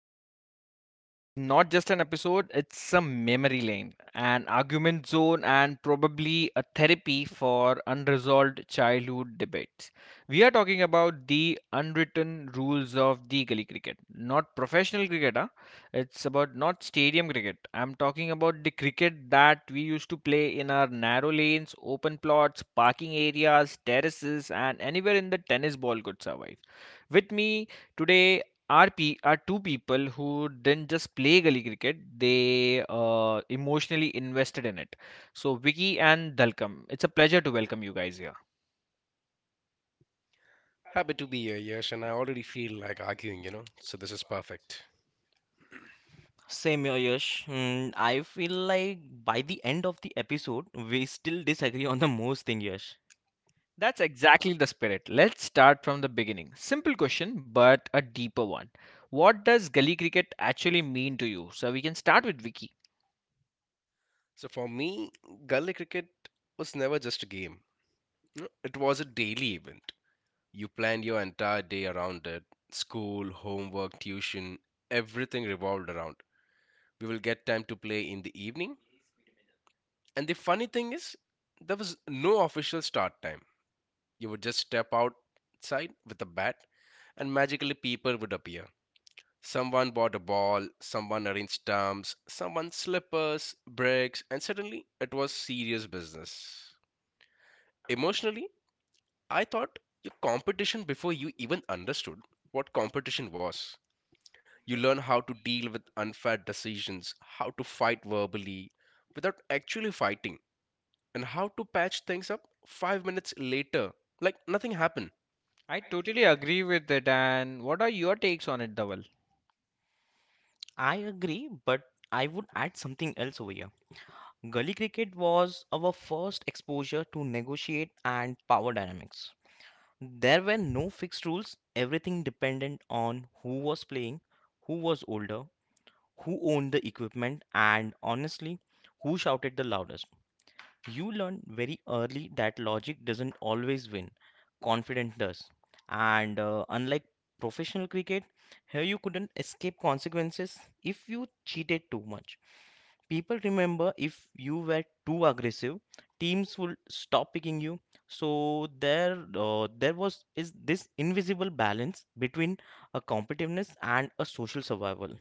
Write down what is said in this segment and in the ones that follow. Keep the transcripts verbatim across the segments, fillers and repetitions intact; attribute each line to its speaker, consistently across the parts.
Speaker 1: Today's episode is not just an episode, it's a memory lane, an argument zone, and probably a therapy for unresolved childhood debates. We are talking about the unwritten rules of the gully cricket, not professional cricket, huh? It's about not stadium cricket. I'm talking about the cricket that we used to play in our narrow lanes, open plots, parking areas, terraces, and anywhere in the tennis ball could survive. With me today are, pe- are two people who didn't just play gully cricket, they uh, emotionally invested in it. So, Vicky and Dalkam, it's a pleasure to welcome you guys here.
Speaker 2: Happy to be here, Yash, and I already feel like arguing, you know, so this is perfect.
Speaker 3: Same here, Yash. Mm, I feel like by the end of the episode, we still disagree on the most thing, Yash.
Speaker 1: That's exactly the spirit. Let's start from the beginning. Simple question, but a deeper one. What does gully cricket actually mean to you? So, we can start with Vicky.
Speaker 2: So for me, gully cricket was never just a game. You It was a daily event. You planned your entire day around it. School, homework, tuition, everything revolved around. We will get time to play in the evening. And the funny thing is, there was no official start time. You would just step outside with a bat and magically people would appear. Someone bought a ball, someone arranged stumps, someone slippers, bricks, and suddenly it was serious business. Emotionally, I thought your competition before you even understood what competition was. You learn how to deal with unfair decisions, how to fight verbally without actually fighting, and how to patch things up five minutes later like nothing happened.
Speaker 1: I totally agree with it. And what are your takes on it, Dhaval?
Speaker 3: I agree, but I would add something else over here. Gully cricket was our first exposure to negotiate and power dynamics. There were no fixed rules. Everything depended on who was playing, who was older, who owned the equipment, and honestly, who shouted the loudest. You learn very early that logic doesn't always win, confidence does. And uh, unlike professional cricket, here you couldn't escape consequences if you cheated too much. People remember if you were too aggressive, teams will stop picking you. So there, uh, there was is this invisible balance between a competitiveness and a social survival.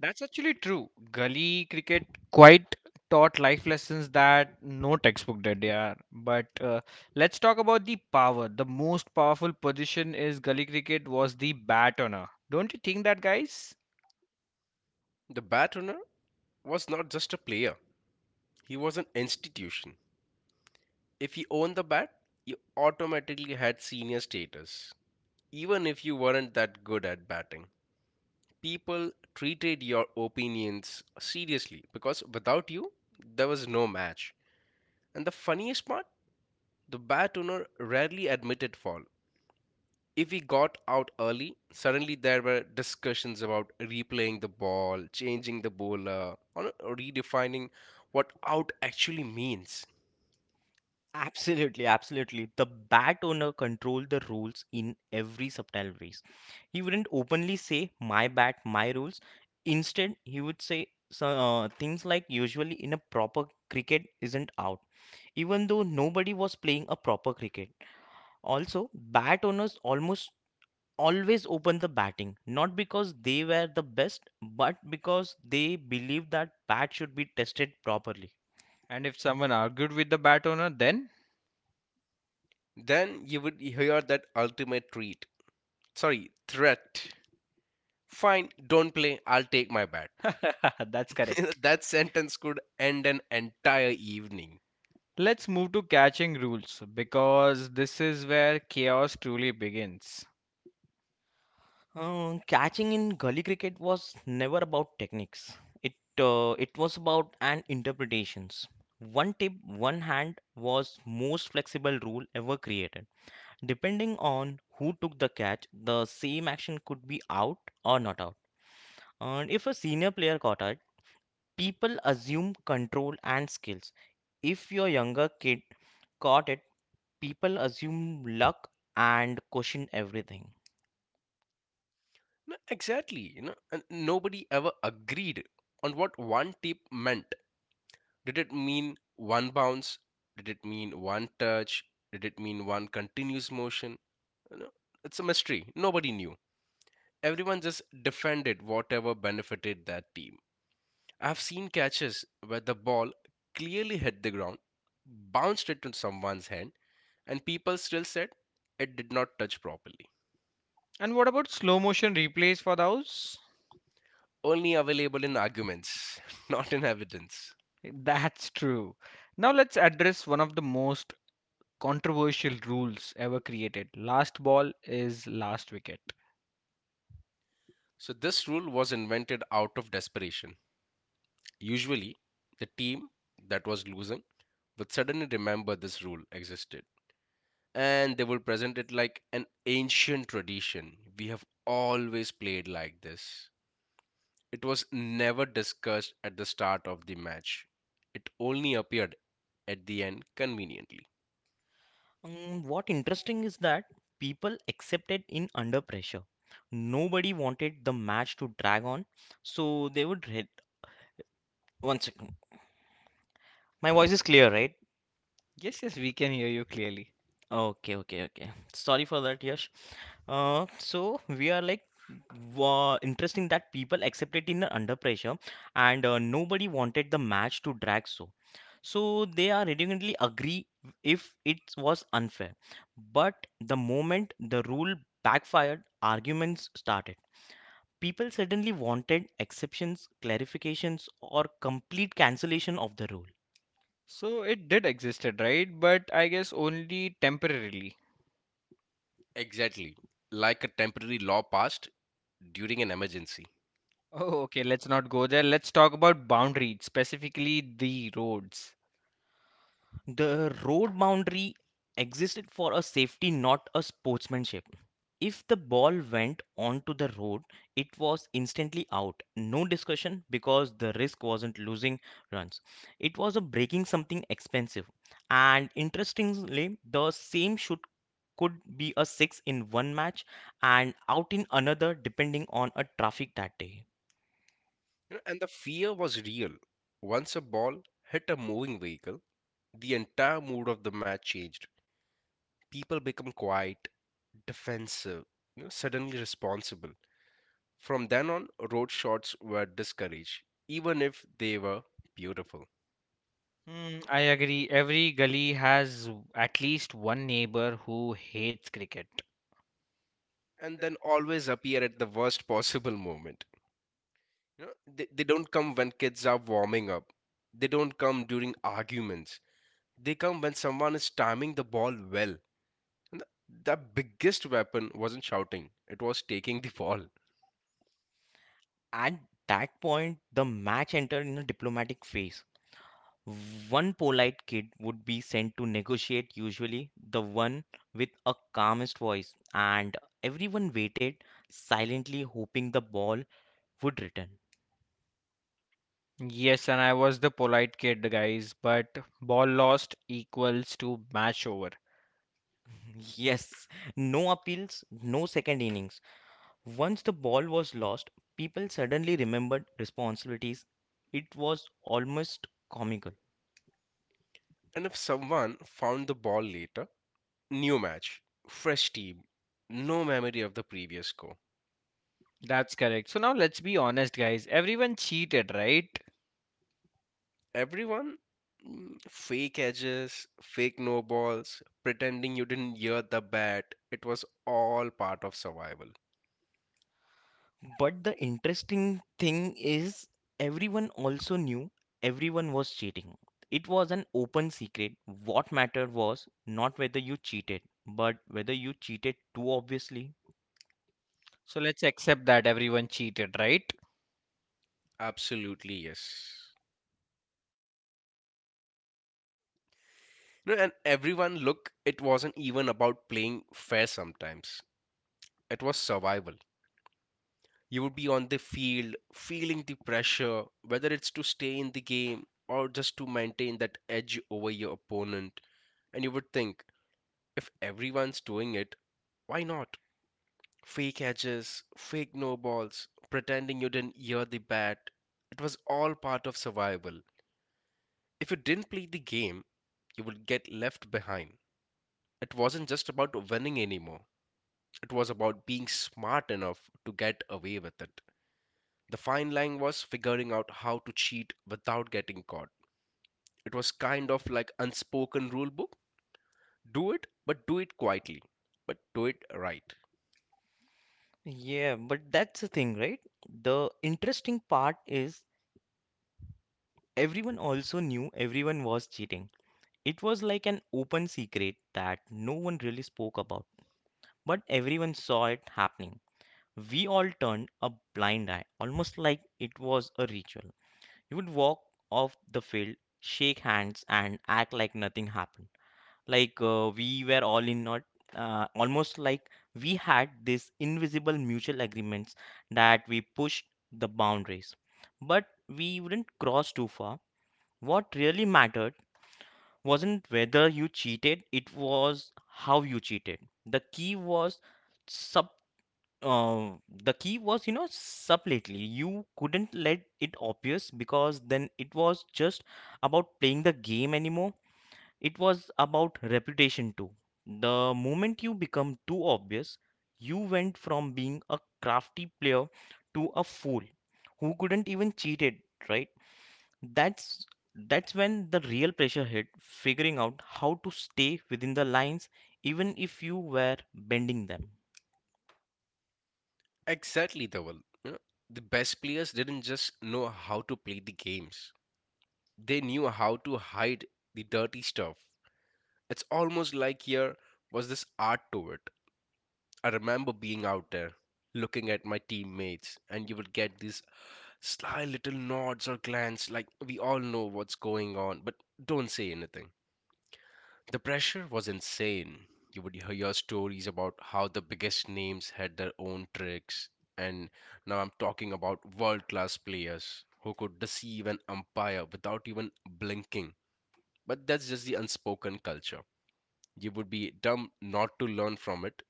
Speaker 1: That's actually true. Gully cricket quite taught life lessons that no textbook did, yeah. But uh, let's talk about the power. The most powerful position is gully cricket was the bat owner. Don't you think that, guys?
Speaker 2: The batrunner was not just a player, he was an institution. If you owned the bat, you automatically had senior status, even if you weren't that good at batting. People treated your opinions seriously because without you, there was no match. And the funniest part, the bat owner rarely admitted fault. If he got out early, suddenly there were discussions about replaying the ball, changing the bowler, or redefining what out actually means.
Speaker 3: Absolutely, absolutely. The bat owner controlled the rules in every subtle ways. He wouldn't openly say my bat, my rules. Instead, he would say so, uh, things like usually in a proper cricket isn't out, even though nobody was playing a proper cricket. Also, bat owners almost always open the batting, not because they were the best, but because they believed that bat should be tested properly.
Speaker 1: And if someone argued with the bat owner, then
Speaker 2: Then you would hear that ultimate treat sorry, threat. Fine, don't play, I'll take my bat.
Speaker 1: that's correct.
Speaker 2: That sentence could end an entire evening.
Speaker 1: Let's move to catching rules because this is where chaos truly begins.
Speaker 3: Uh, catching in gully cricket was never about techniques. It uh, it was about and interpretations. One tip, one hand was most flexible rule ever created. Depending on who took the catch, the same action could be out or not out. And if a senior player caught it, people assume control and skills. If your younger kid caught it, people assume luck and question everything.
Speaker 2: No, exactly, you know, and nobody ever agreed on what one tip meant. Did it mean one bounce? Did it mean one touch? Did it mean one continuous motion? You know, it's a mystery. Nobody knew. Everyone just defended whatever benefited that team. I've seen catches where the ball clearly hit the ground, bounced into someone's hand and people still said it did not touch properly.
Speaker 1: And what about slow motion replays for those?
Speaker 2: Only available in arguments, not in evidence.
Speaker 1: That's true. Now let's address one of the most controversial rules ever created. Last ball is last wicket.
Speaker 2: So this rule was invented out of desperation. Usually, the team that was losing would suddenly remember this rule existed and they would present it like an ancient tradition. We have always played like this. It was never discussed at the start of the match, it only appeared at the end conveniently.
Speaker 3: Mm, what interesting is that people accepted in under pressure. Nobody wanted the match to drag on, so they would hit. One second. My voice is clear, right?
Speaker 1: Yes, yes, we can hear you clearly.
Speaker 3: Okay, okay, okay. Sorry for that, Yash. Uh, so we are like wa interesting that people accepted in under pressure, and uh, nobody wanted the match to drag so. So they are reluctantly agree if it was unfair. But the moment the rule backfired, arguments started. People suddenly wanted exceptions, clarifications, or complete cancellation of the rule.
Speaker 1: So it did existed, right? But I guess only temporarily.
Speaker 2: Exactly. Like a temporary law passed during an emergency.
Speaker 1: Oh, okay, let's not go there. Let's talk about boundaries, specifically the roads.
Speaker 3: The road boundary existed for a safety, not a sportsmanship. If the ball went onto the road, it was instantly out. No discussion because the risk wasn't losing runs. It was a breaking something expensive. And interestingly, the same shoot could be a six in one match and out in another depending on a traffic that day.
Speaker 2: You know, And the fear was real. Once a ball hit a moving vehicle, the entire mood of the match changed. People become quiet, defensive, you know, suddenly responsible. From then on, road shots were discouraged, even if they were beautiful.
Speaker 1: Hmm, I agree. Every gully has at least one neighbor who hates cricket.
Speaker 2: And then always appear at the worst possible moment. You know, they, they don't come when kids are warming up. They don't come during arguments. They come when someone is timing the ball well. And the the biggest weapon wasn't shouting, it was taking the ball.
Speaker 3: At that point, the match entered in a diplomatic phase. One polite kid would be sent to negotiate, usually the one with a calmest voice, and everyone waited silently, hoping the ball would return.
Speaker 1: Yes, and I was the polite kid, guys, but ball lost equals to match over.
Speaker 3: Yes, no appeals, no second innings. Once the ball was lost, people suddenly remembered responsibilities. It was almost comical.
Speaker 2: And if someone found the ball later, new match, fresh team, no memory of the previous score.
Speaker 1: That's correct. So now let's be honest, guys. Everyone cheated, right?
Speaker 2: Everyone, mm, fake edges, fake no balls, pretending you didn't hear the bat. It was all part of survival.
Speaker 3: But the interesting thing is, everyone also knew everyone was cheating. It was an open secret. What mattered was not whether you cheated, but whether you cheated too obviously.
Speaker 1: So let's accept that everyone cheated, right? Absolutely.
Speaker 2: Absolutely, yes. No, and everyone, look, it wasn't even about playing fair sometimes. It was survival. You would be on the field, feeling the pressure, whether it's to stay in the game or just to maintain that edge over your opponent. And you would think, if everyone's doing it, why not? Fake edges, fake no balls, pretending you didn't hear the bat. It was all part of survival. If you didn't play the game, you would get left behind. It wasn't just about winning anymore, it was about being smart enough to get away with it. The fine line was figuring out how to cheat without getting caught. It was kind of like unspoken rule book. Do it, but do it quietly. But do it right.
Speaker 3: Yeah, but that's the thing, right? The interesting part is everyone also knew everyone was cheating. It was like an open secret that no one really spoke about, but everyone saw it happening. We all turned a blind eye, almost like it was a ritual. You would walk off the field, shake hands, and act like nothing happened. Like uh, we were all in not, uh, almost like we had this invisible mutual agreements that we pushed the boundaries. But we wouldn't cross too far. What really mattered wasn't whether you cheated, it was how you cheated. The key was sub uh, the key was you know subtly. You couldn't let it obvious because then it was just about playing the game anymore. It was about reputation too. The moment you become too obvious, you went from being a crafty player to a fool who couldn't even cheat it, right? That's that's when the real pressure hit, figuring out how to stay within the lines even if you were bending them.
Speaker 2: Exactly, Dhaval. You know, the best players didn't just know how to play the games. They knew how to hide the dirty stuff. It's almost like here was this art to it. I remember being out there looking at my teammates and you would get these sly little nods or glance, like we all know what's going on, but don't say anything. The pressure was insane. You would hear stories about how the biggest names had their own tricks, and now I'm talking about world class players who could deceive an umpire without even blinking. But that's just the unspoken culture. You would be dumb not to learn from it.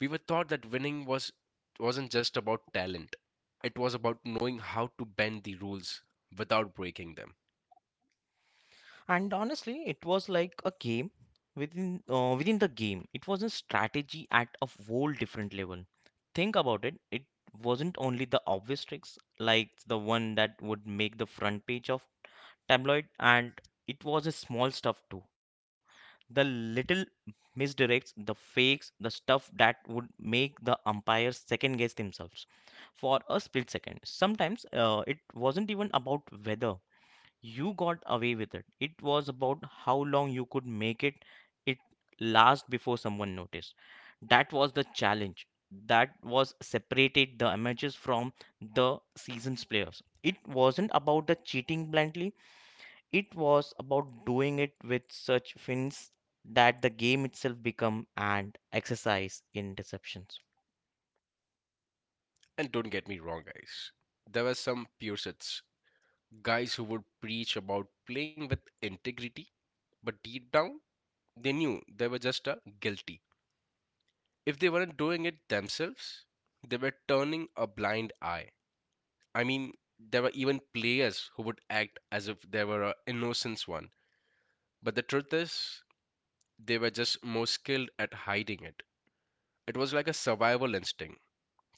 Speaker 2: We were taught that winning was wasn't just about talent. It was about knowing how to bend the rules without breaking them.
Speaker 3: And honestly, it was like a game within uh, within the game. It was a strategy at a whole different level. Think about it. It wasn't only the obvious tricks like the one that would make the front page of tabloid, and it was a small stuff too, the little misdirects, the fakes, the stuff that would make the umpires second guess themselves for a split second. Sometimes uh, it wasn't even about weather you got away with it. It was about how long you could make it it last before someone noticed. That was the challenge. That was separated the amateurs from the seasoned players. It wasn't about the cheating blindly. It was about doing it with such fins that the game itself become an exercise in deceptions.
Speaker 2: And don't get me wrong, guys. There were some purists, guys who would preach about playing with integrity, but deep down, they knew they were just a guilty. If they weren't doing it themselves, they were turning a blind eye. I mean, there were even players who would act as if they were an innocent one. But the truth is, they were just more skilled at hiding it. It was like a survival instinct.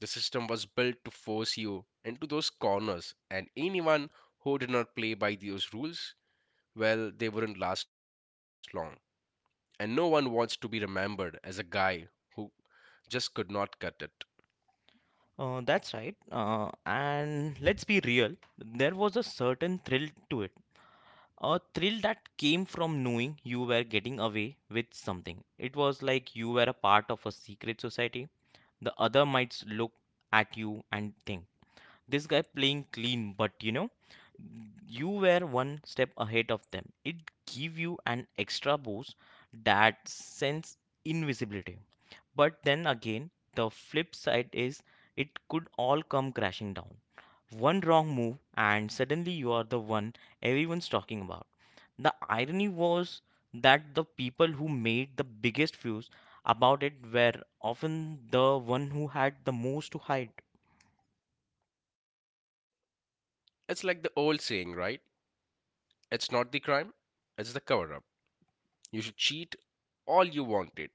Speaker 2: The system was built to force you into those corners, and anyone who did not play by those rules, well, they wouldn't last long. And no one wants to be remembered as a guy who just could not cut it.
Speaker 3: Uh, that's right. Uh, and let's be real, there was a certain thrill to it, a thrill that came from knowing you were getting away with something. It was like you were a part of a secret society. The other might look at you and think, this guy playing clean, but you know, you were one step ahead of them. It gave you an extra boost, that sense invisibility. But then again, the flip side is it could all come crashing down. One wrong move, and suddenly you are the one everyone's talking about. The irony was that the people who made the biggest fuss about it were often the one who had the most to hide.
Speaker 2: It's like the old saying, right? It's not the crime, it's the cover up. You should cheat all you wanted,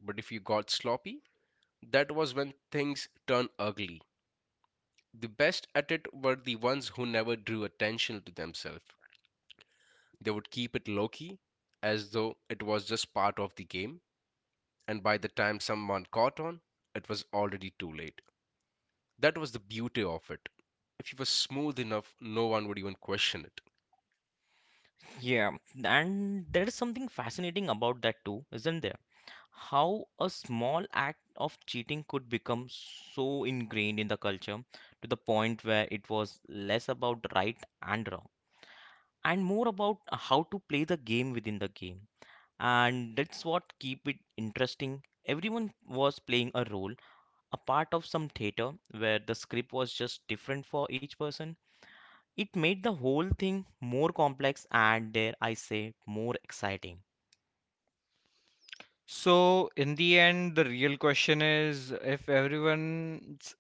Speaker 2: but if you got sloppy, that was when things turned ugly. The best at it were the ones who never drew attention to themselves. They would keep it low key, as though it was just part of the game, and by the time someone caught on, it was already too late. That was the beauty of it. If you were smooth enough, no one would even question it.
Speaker 3: Yeah, and there is something fascinating about that too, isn't there? How a small act of cheating could become so ingrained in the culture, to the point where it was less about right and wrong and more about how to play the game within the game. And that's what keep it interesting. Everyone was playing a role, a part of some theater where the script was just different for each person. It made the whole thing more complex and dare I say more exciting.
Speaker 1: So in the end, the real question is if everyone's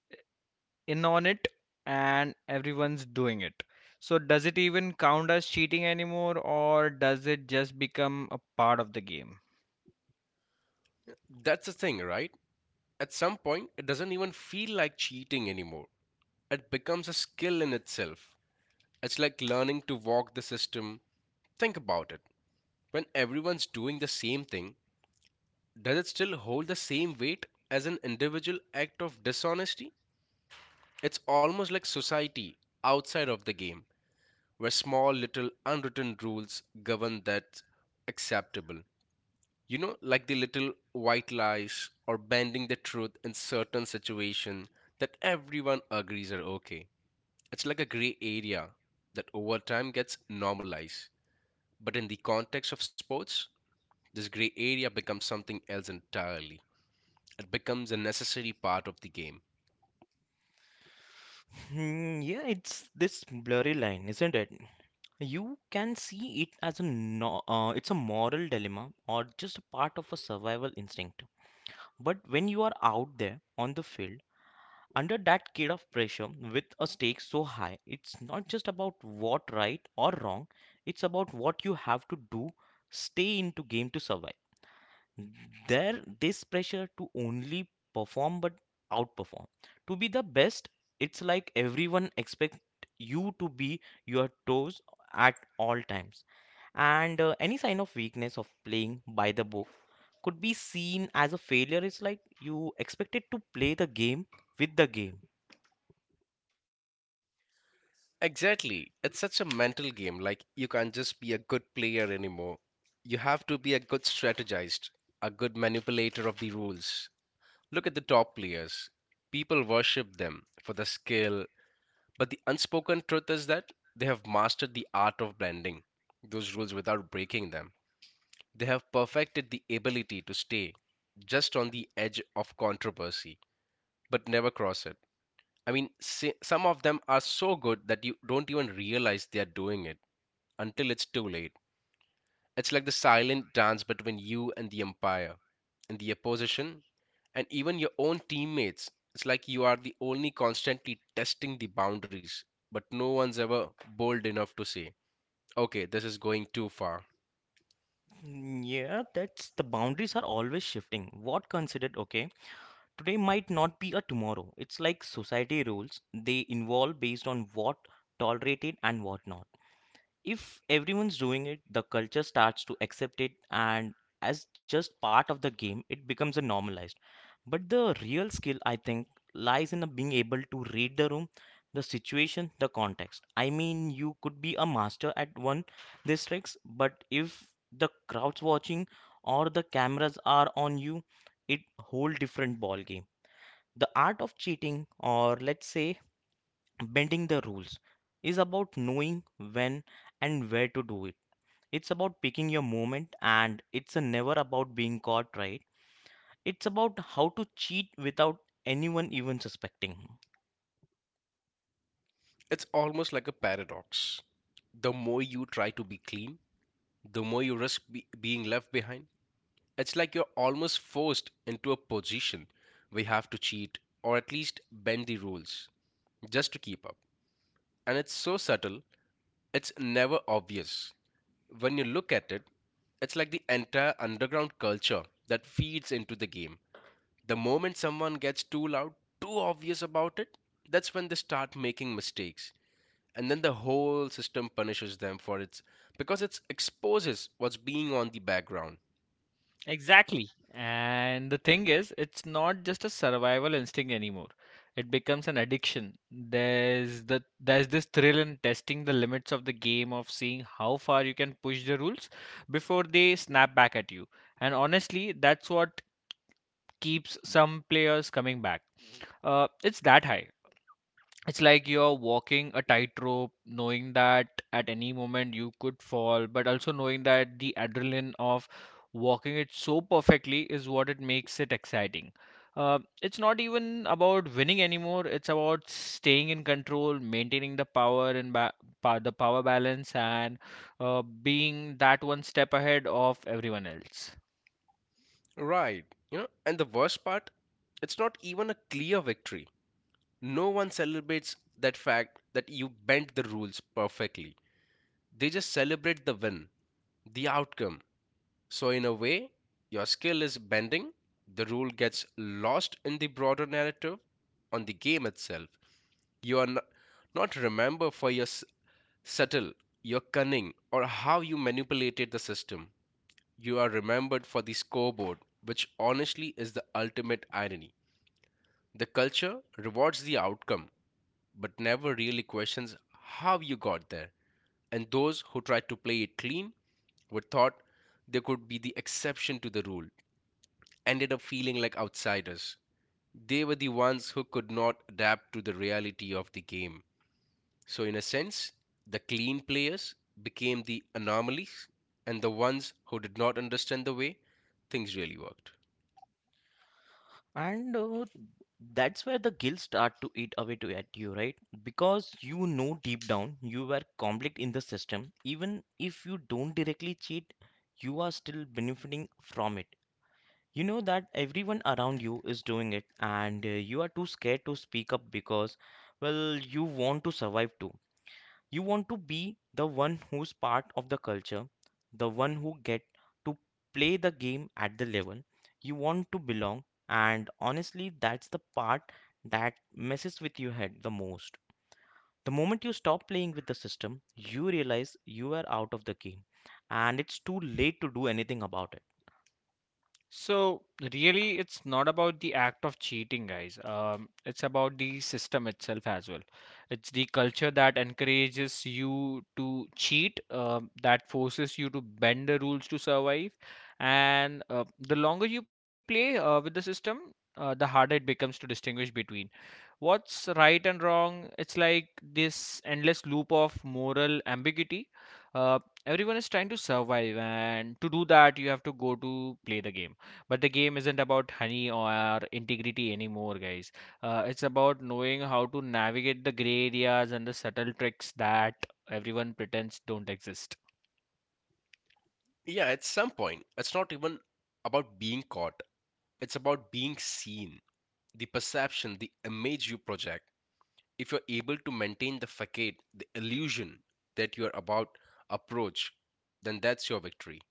Speaker 1: in on it and everyone's doing it. So does it even count as cheating anymore, or does it just become a part of the game?
Speaker 2: That's the thing, right? At some point, it doesn't even feel like cheating anymore. It becomes a skill in itself. It's like learning to walk the system. Think about it. When everyone's doing the same thing, does it still hold the same weight as an individual act of dishonesty? It's almost like society outside of the game, where small little unwritten rules govern that's acceptable. You know, like the little white lies or bending the truth in certain situations that everyone agrees are okay. It's like a gray area that over time gets normalized. But in the context of sports, this gray area becomes something else entirely. It becomes a necessary part of the game.
Speaker 3: Hmm, yeah, it's this blurry line, isn't it? You can see it as a no, uh, it's a moral dilemma or just a part of a survival instinct. But when you are out there on the field under that kind of pressure with a stake so high, it's not just about what right or wrong. It's about what you have to do, stay into game to survive. There this pressure to only perform but outperform, to be the best. It's like everyone expect you to be your toes at all times, and uh, any sign of weakness of playing by the book could be seen as a failure. It's like you expected to play the game with the game.
Speaker 2: Exactly. It's such a mental game. Like, you can't just be a good player anymore. You have to be a good strategist, a good manipulator of the rules. Look at the top players. People worship them for the skill, but the unspoken truth is that they have mastered the art of blending those rules without breaking them. They have perfected the ability to stay just on the edge of controversy but never cross it. I mean, si- some of them are so good that you don't even realize they are doing it until it's too late. It's like the silent dance between you and the empire, and the opposition, and even your own teammates. It's like you are the only constantly testing the boundaries, but no one's ever bold enough to say, okay, this is going too far.
Speaker 3: Mm, yeah, that's the boundaries are always shifting what considered okay today might not be a tomorrow. It's like society rules, they evolve based on what tolerated and what not. If everyone's doing it, the culture starts to accept it and as just part of the game, it becomes a normalized. But the real skill, I think, lies in being able to read the room, the situation, the context. I mean, you could be a master at one these tricks, but if the crowd's watching or the cameras are on you, it whole different ball game. The art of cheating, or let's say bending the rules, is about knowing when and where to do it. It's about picking your moment, and it's a never about being caught, right? It's about how to cheat without anyone even suspecting.
Speaker 2: It's almost like a paradox. The more you try to be clean, the more you risk be- being left behind. It's like you're almost forced into a position where you have to cheat or at least bend the rules just to keep up. And it's so subtle, it's never obvious. When you look at it, it's like the entire underground culture that feeds into the game. The moment someone gets too loud, too obvious about it, that's when they start making mistakes. And then the whole system punishes them for its because it exposes what's being on the background.
Speaker 1: Exactly. And the thing is, it's not just a survival instinct anymore. It becomes an addiction. There's the there's this thrill in testing the limits of the game, of seeing how far you can push the rules before they snap back at you. And honestly, that's what keeps some players coming back. Uh, it's that high. It's like you're walking a tightrope, knowing that at any moment you could fall, but also knowing that the adrenaline of walking it so perfectly is what it makes it exciting. Uh, it's not even about winning anymore. It's about staying in control, maintaining the power and ba- pa- the power balance, and uh, being that one step ahead of everyone else.
Speaker 2: Right. You know, and the worst part, it's not even a clear victory. No one celebrates that fact that you bent the rules perfectly. They just celebrate the win, the outcome. So, in a way, your skill is bending, the rule gets lost in the broader narrative on the game itself. You are n- not remembered for your s- subtle, your cunning, or how you manipulated the system. You are remembered for the scoreboard, which honestly is the ultimate irony. The culture rewards the outcome, but never really questions how you got there. And those who tried to play it clean were thought they could be the exception to the rule, ended up feeling like outsiders. They were the ones who could not adapt to the reality of the game. So, in a sense, the clean players became the anomalies and the ones who did not understand the way things really worked.
Speaker 3: And uh, that's where the guilt start to eat away to at you, right? Because you know deep down you were conflict in the system. Even if you don't directly cheat, you are still benefiting from it. You know that everyone around you is doing it, and uh, you are too scared to speak up because, well, you want to survive too. You want to be the one who's part of the culture, the one who get to play the game at the level you want to belong, and honestly, that's the part that messes with your head the most. The moment you stop playing with the system, you realize you are out of the game, and it's too late to do anything about it.
Speaker 1: So really, it's not about the act of cheating, guys. Um, it's about the system itself as well. It's the culture that encourages you to cheat, um, that forces you to bend the rules to survive. And uh, the longer you play uh, with the system, uh, the harder it becomes to distinguish between what's right and wrong. It's like this endless loop of moral ambiguity. uh, Everyone is trying to survive, and to do that you have to go to play the game, but the game isn't about honey or integrity anymore, guys. Uh, it's about knowing how to navigate the gray areas and the subtle tricks that everyone pretends don't exist.
Speaker 2: Yeah, at some point, it's not even about being caught, it's about being seen. The perception, the image you project. If you're able to maintain the facade, the illusion that you're about approach, then that's your victory.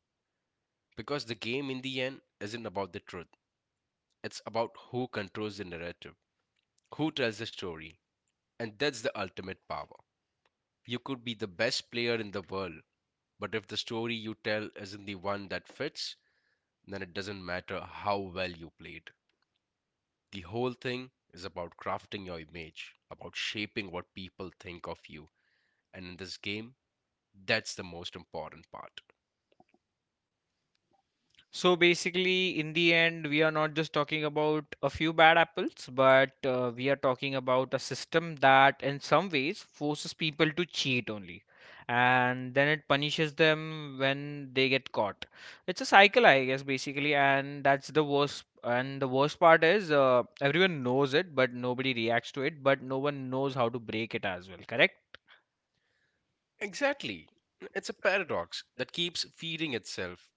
Speaker 2: Because the game in the end isn't about the truth, it's about who controls the narrative, who tells the story, and that's the ultimate power. You could be the best player in the world, but if the story you tell isn't the one that fits, then it doesn't matter how well you played. The whole thing is about crafting your image, about shaping what people think of you. And in this game, that's the most important part.
Speaker 1: So basically, in the end, we are not just talking about a few bad apples, but uh, we are talking about a system that, in some ways, forces people to cheat only. And then it punishes them when they get caught. It's a cycle, I guess, basically, and that's the worst. And the worst part is uh, everyone knows it, but nobody reacts to it, but no one knows how to break it as well, correct?
Speaker 2: Exactly. It's a paradox that keeps feeding itself.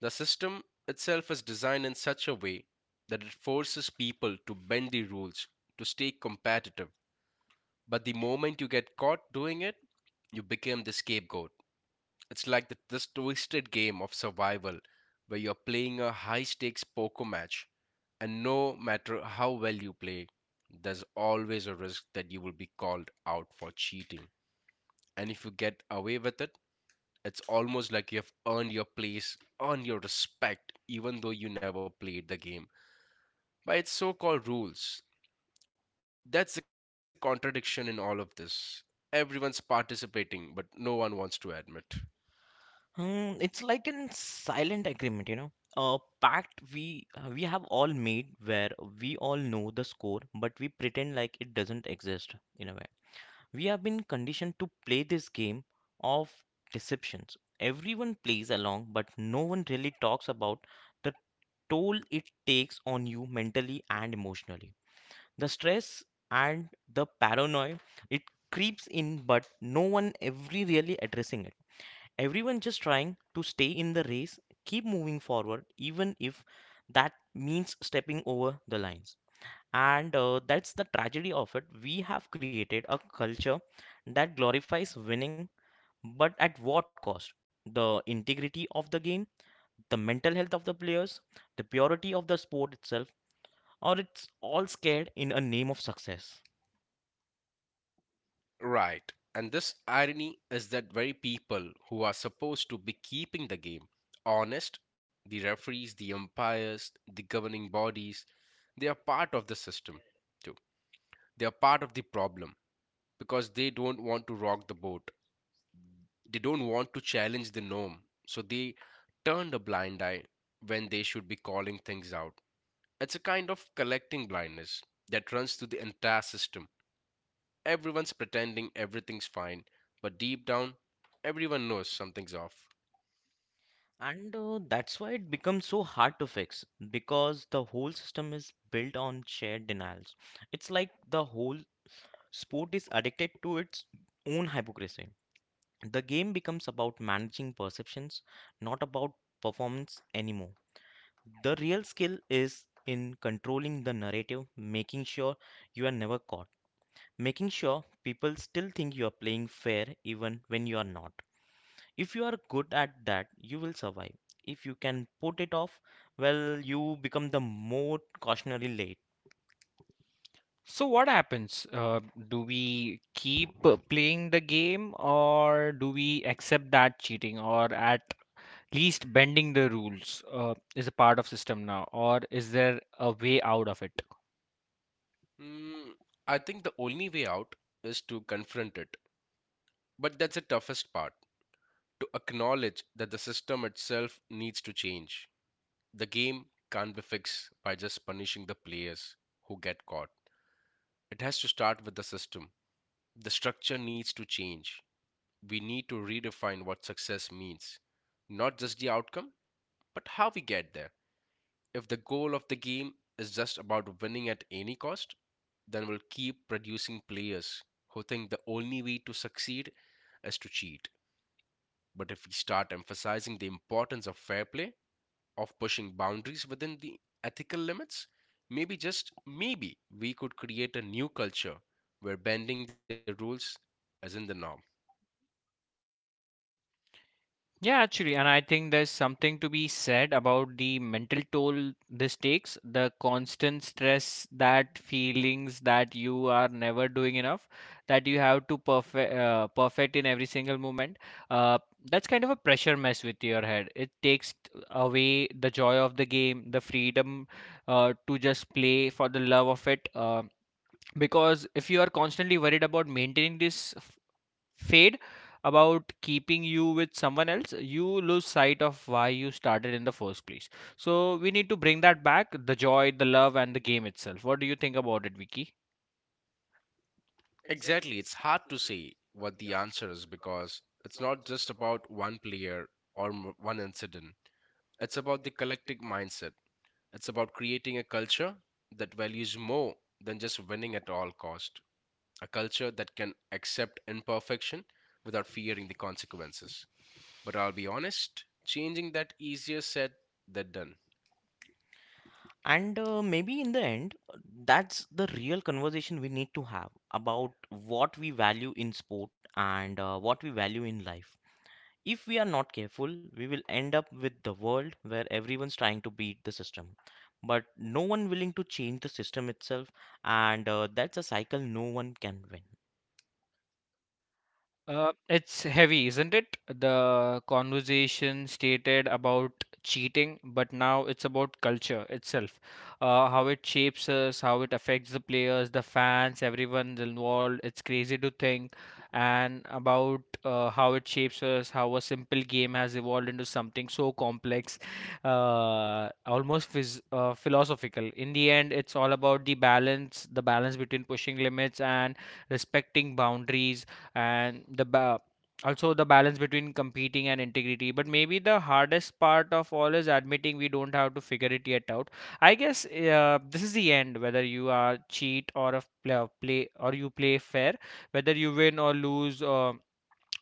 Speaker 2: The system itself is designed in such a way that it forces people to bend the rules to stay competitive. But the moment you get caught doing it, you become the scapegoat. It's like the, this twisted game of survival where you're playing a high stakes poker match, and no matter how well you play, there's always a risk that you will be called out for cheating. And if you get away with it, it's almost like you have earned your place, earned your respect, even though you never played the game. By its so called rules, that's the contradiction in all of this. Everyone's participating, but no one wants to admit.
Speaker 3: Hmm, it's like an silent agreement, you know, a pact we uh, we have all made where we all know the score, but we pretend like it doesn't exist in a way. We have been conditioned to play this game of deceptions. Everyone plays along, but no one really talks about the toll it takes on you mentally and emotionally. The stress and the paranoia it creeps in, but no one every really addressing it. Everyone just trying to stay in the race, keep moving forward, even if that means stepping over the lines. And uh, that's the tragedy of it. We have created a culture that glorifies winning, but at what cost? The integrity of the game, the mental health of the players, the purity of the sport itself, or it's all scared in a name of success.
Speaker 2: Right. And this irony is that very people who are supposed to be keeping the game honest, the referees, the umpires, the governing bodies, they are part of the system too. They are part of the problem because they don't want to rock the boat. They don't want to challenge the norm. So they turn a blind eye when they should be calling things out. It's a kind of collecting blindness that runs through the entire system. Everyone's pretending everything's fine, but deep down, everyone knows something's off.
Speaker 3: And uh, that's why it becomes so hard to fix because the whole system is built on shared denials. It's like the whole sport is addicted to its own hypocrisy. The game becomes about managing perceptions, not about performance anymore. The real skill is in controlling the narrative, making sure you are never caught, making sure people still think you are playing fair even when you are not. If you are good at that, you will survive. If you can put it off, well, you become the more cautionary late.
Speaker 1: So what happens? Uh, do we keep uh, playing the game, or do we accept that cheating or at least bending the rules uh, is a part of system now, or is there a way out of it?
Speaker 2: Mm, I think the only way out is to confront it. But that's the toughest part to acknowledge that the system itself needs to change. The game can't be fixed by just punishing the players who get caught. It has to start with the system. The structure needs to change. We need to redefine what success means. Not just the outcome, but how we get there. If the goal of the game is just about winning at any cost, then we'll keep producing players who think the only way to succeed is to cheat. But if we start emphasizing the importance of fair play, of pushing boundaries within the ethical limits, maybe just maybe we could create a new culture where bending the rules isn't the norm.
Speaker 1: Yeah, actually, and I think there's something to be said about the mental toll this takes, the constant stress, that feelings that you are never doing enough, that you have to perfect uh, perfect in every single moment. Uh, that's kind of a pressure mess with your head. It takes t- away the joy of the game, the freedom uh, to just play for the love of it. Uh, because if you are constantly worried about maintaining this fade, about keeping you with someone else, you lose sight of why you started in the first place. So we need to bring that back, the joy, the love, and the game itself. What do you think about it, Vicky?
Speaker 2: Exactly. It's hard to say what the answer is because it's not just about one player or m- one incident. It's about the collective mindset. It's about creating a culture that values more than just winning at all cost. A culture that can accept imperfection without fearing the consequences. But I'll be honest, changing that easier said than done.
Speaker 3: And uh, maybe in the end, uh, that's the real conversation we need to have about what we value in sport and uh, what we value in life. If we are not careful, we will end up with the world where everyone's trying to beat the system, but no one willing to change the system itself, and uh, that's a cycle no one can win.
Speaker 1: Uh, it's heavy, isn't it? The conversation stated about cheating, but now it's about culture itself. Uh, how it shapes us, how it affects the players, the fans, everyone's involved. It's crazy to think, and about uh, how it shapes us, how a simple game has evolved into something so complex, uh, almost phys uh, philosophical. In the end, it's all about the balance, the balance between pushing limits and respecting boundaries, and the ba- also the balance between competing and integrity. But maybe the hardest part of all is admitting we don't have to figure it yet out. I guess uh, this is the end. Whether you are cheat or a play, play or you play fair, whether you win or lose, uh,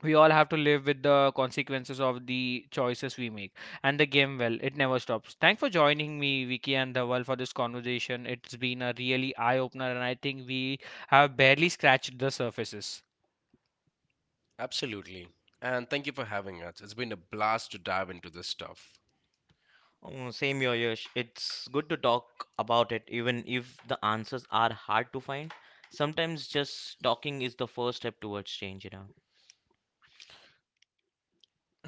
Speaker 1: we all have to live with the consequences of the choices we make. And the game, well, it never stops. Thanks for joining me, Vicky and Dhawal, for this conversation. It's been a really eye opener, and I think we have barely scratched the surfaces.
Speaker 2: Absolutely. And thank you for having us. It's been a blast to dive into this stuff.
Speaker 3: Oh, same here, Yash. It's good to talk about it, even if the answers are hard to find. Sometimes just talking is the first step towards change, you know.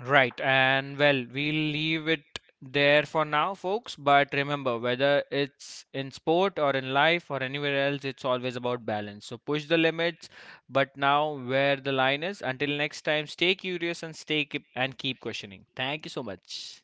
Speaker 1: Right, and well, we'll leave it there for now, folks. But remember, whether it's in sport or in life or anywhere else, it's always about balance. So push the limits, but now where the line is. Until next time, stay curious and stay keep and keep questioning. Thank you so much.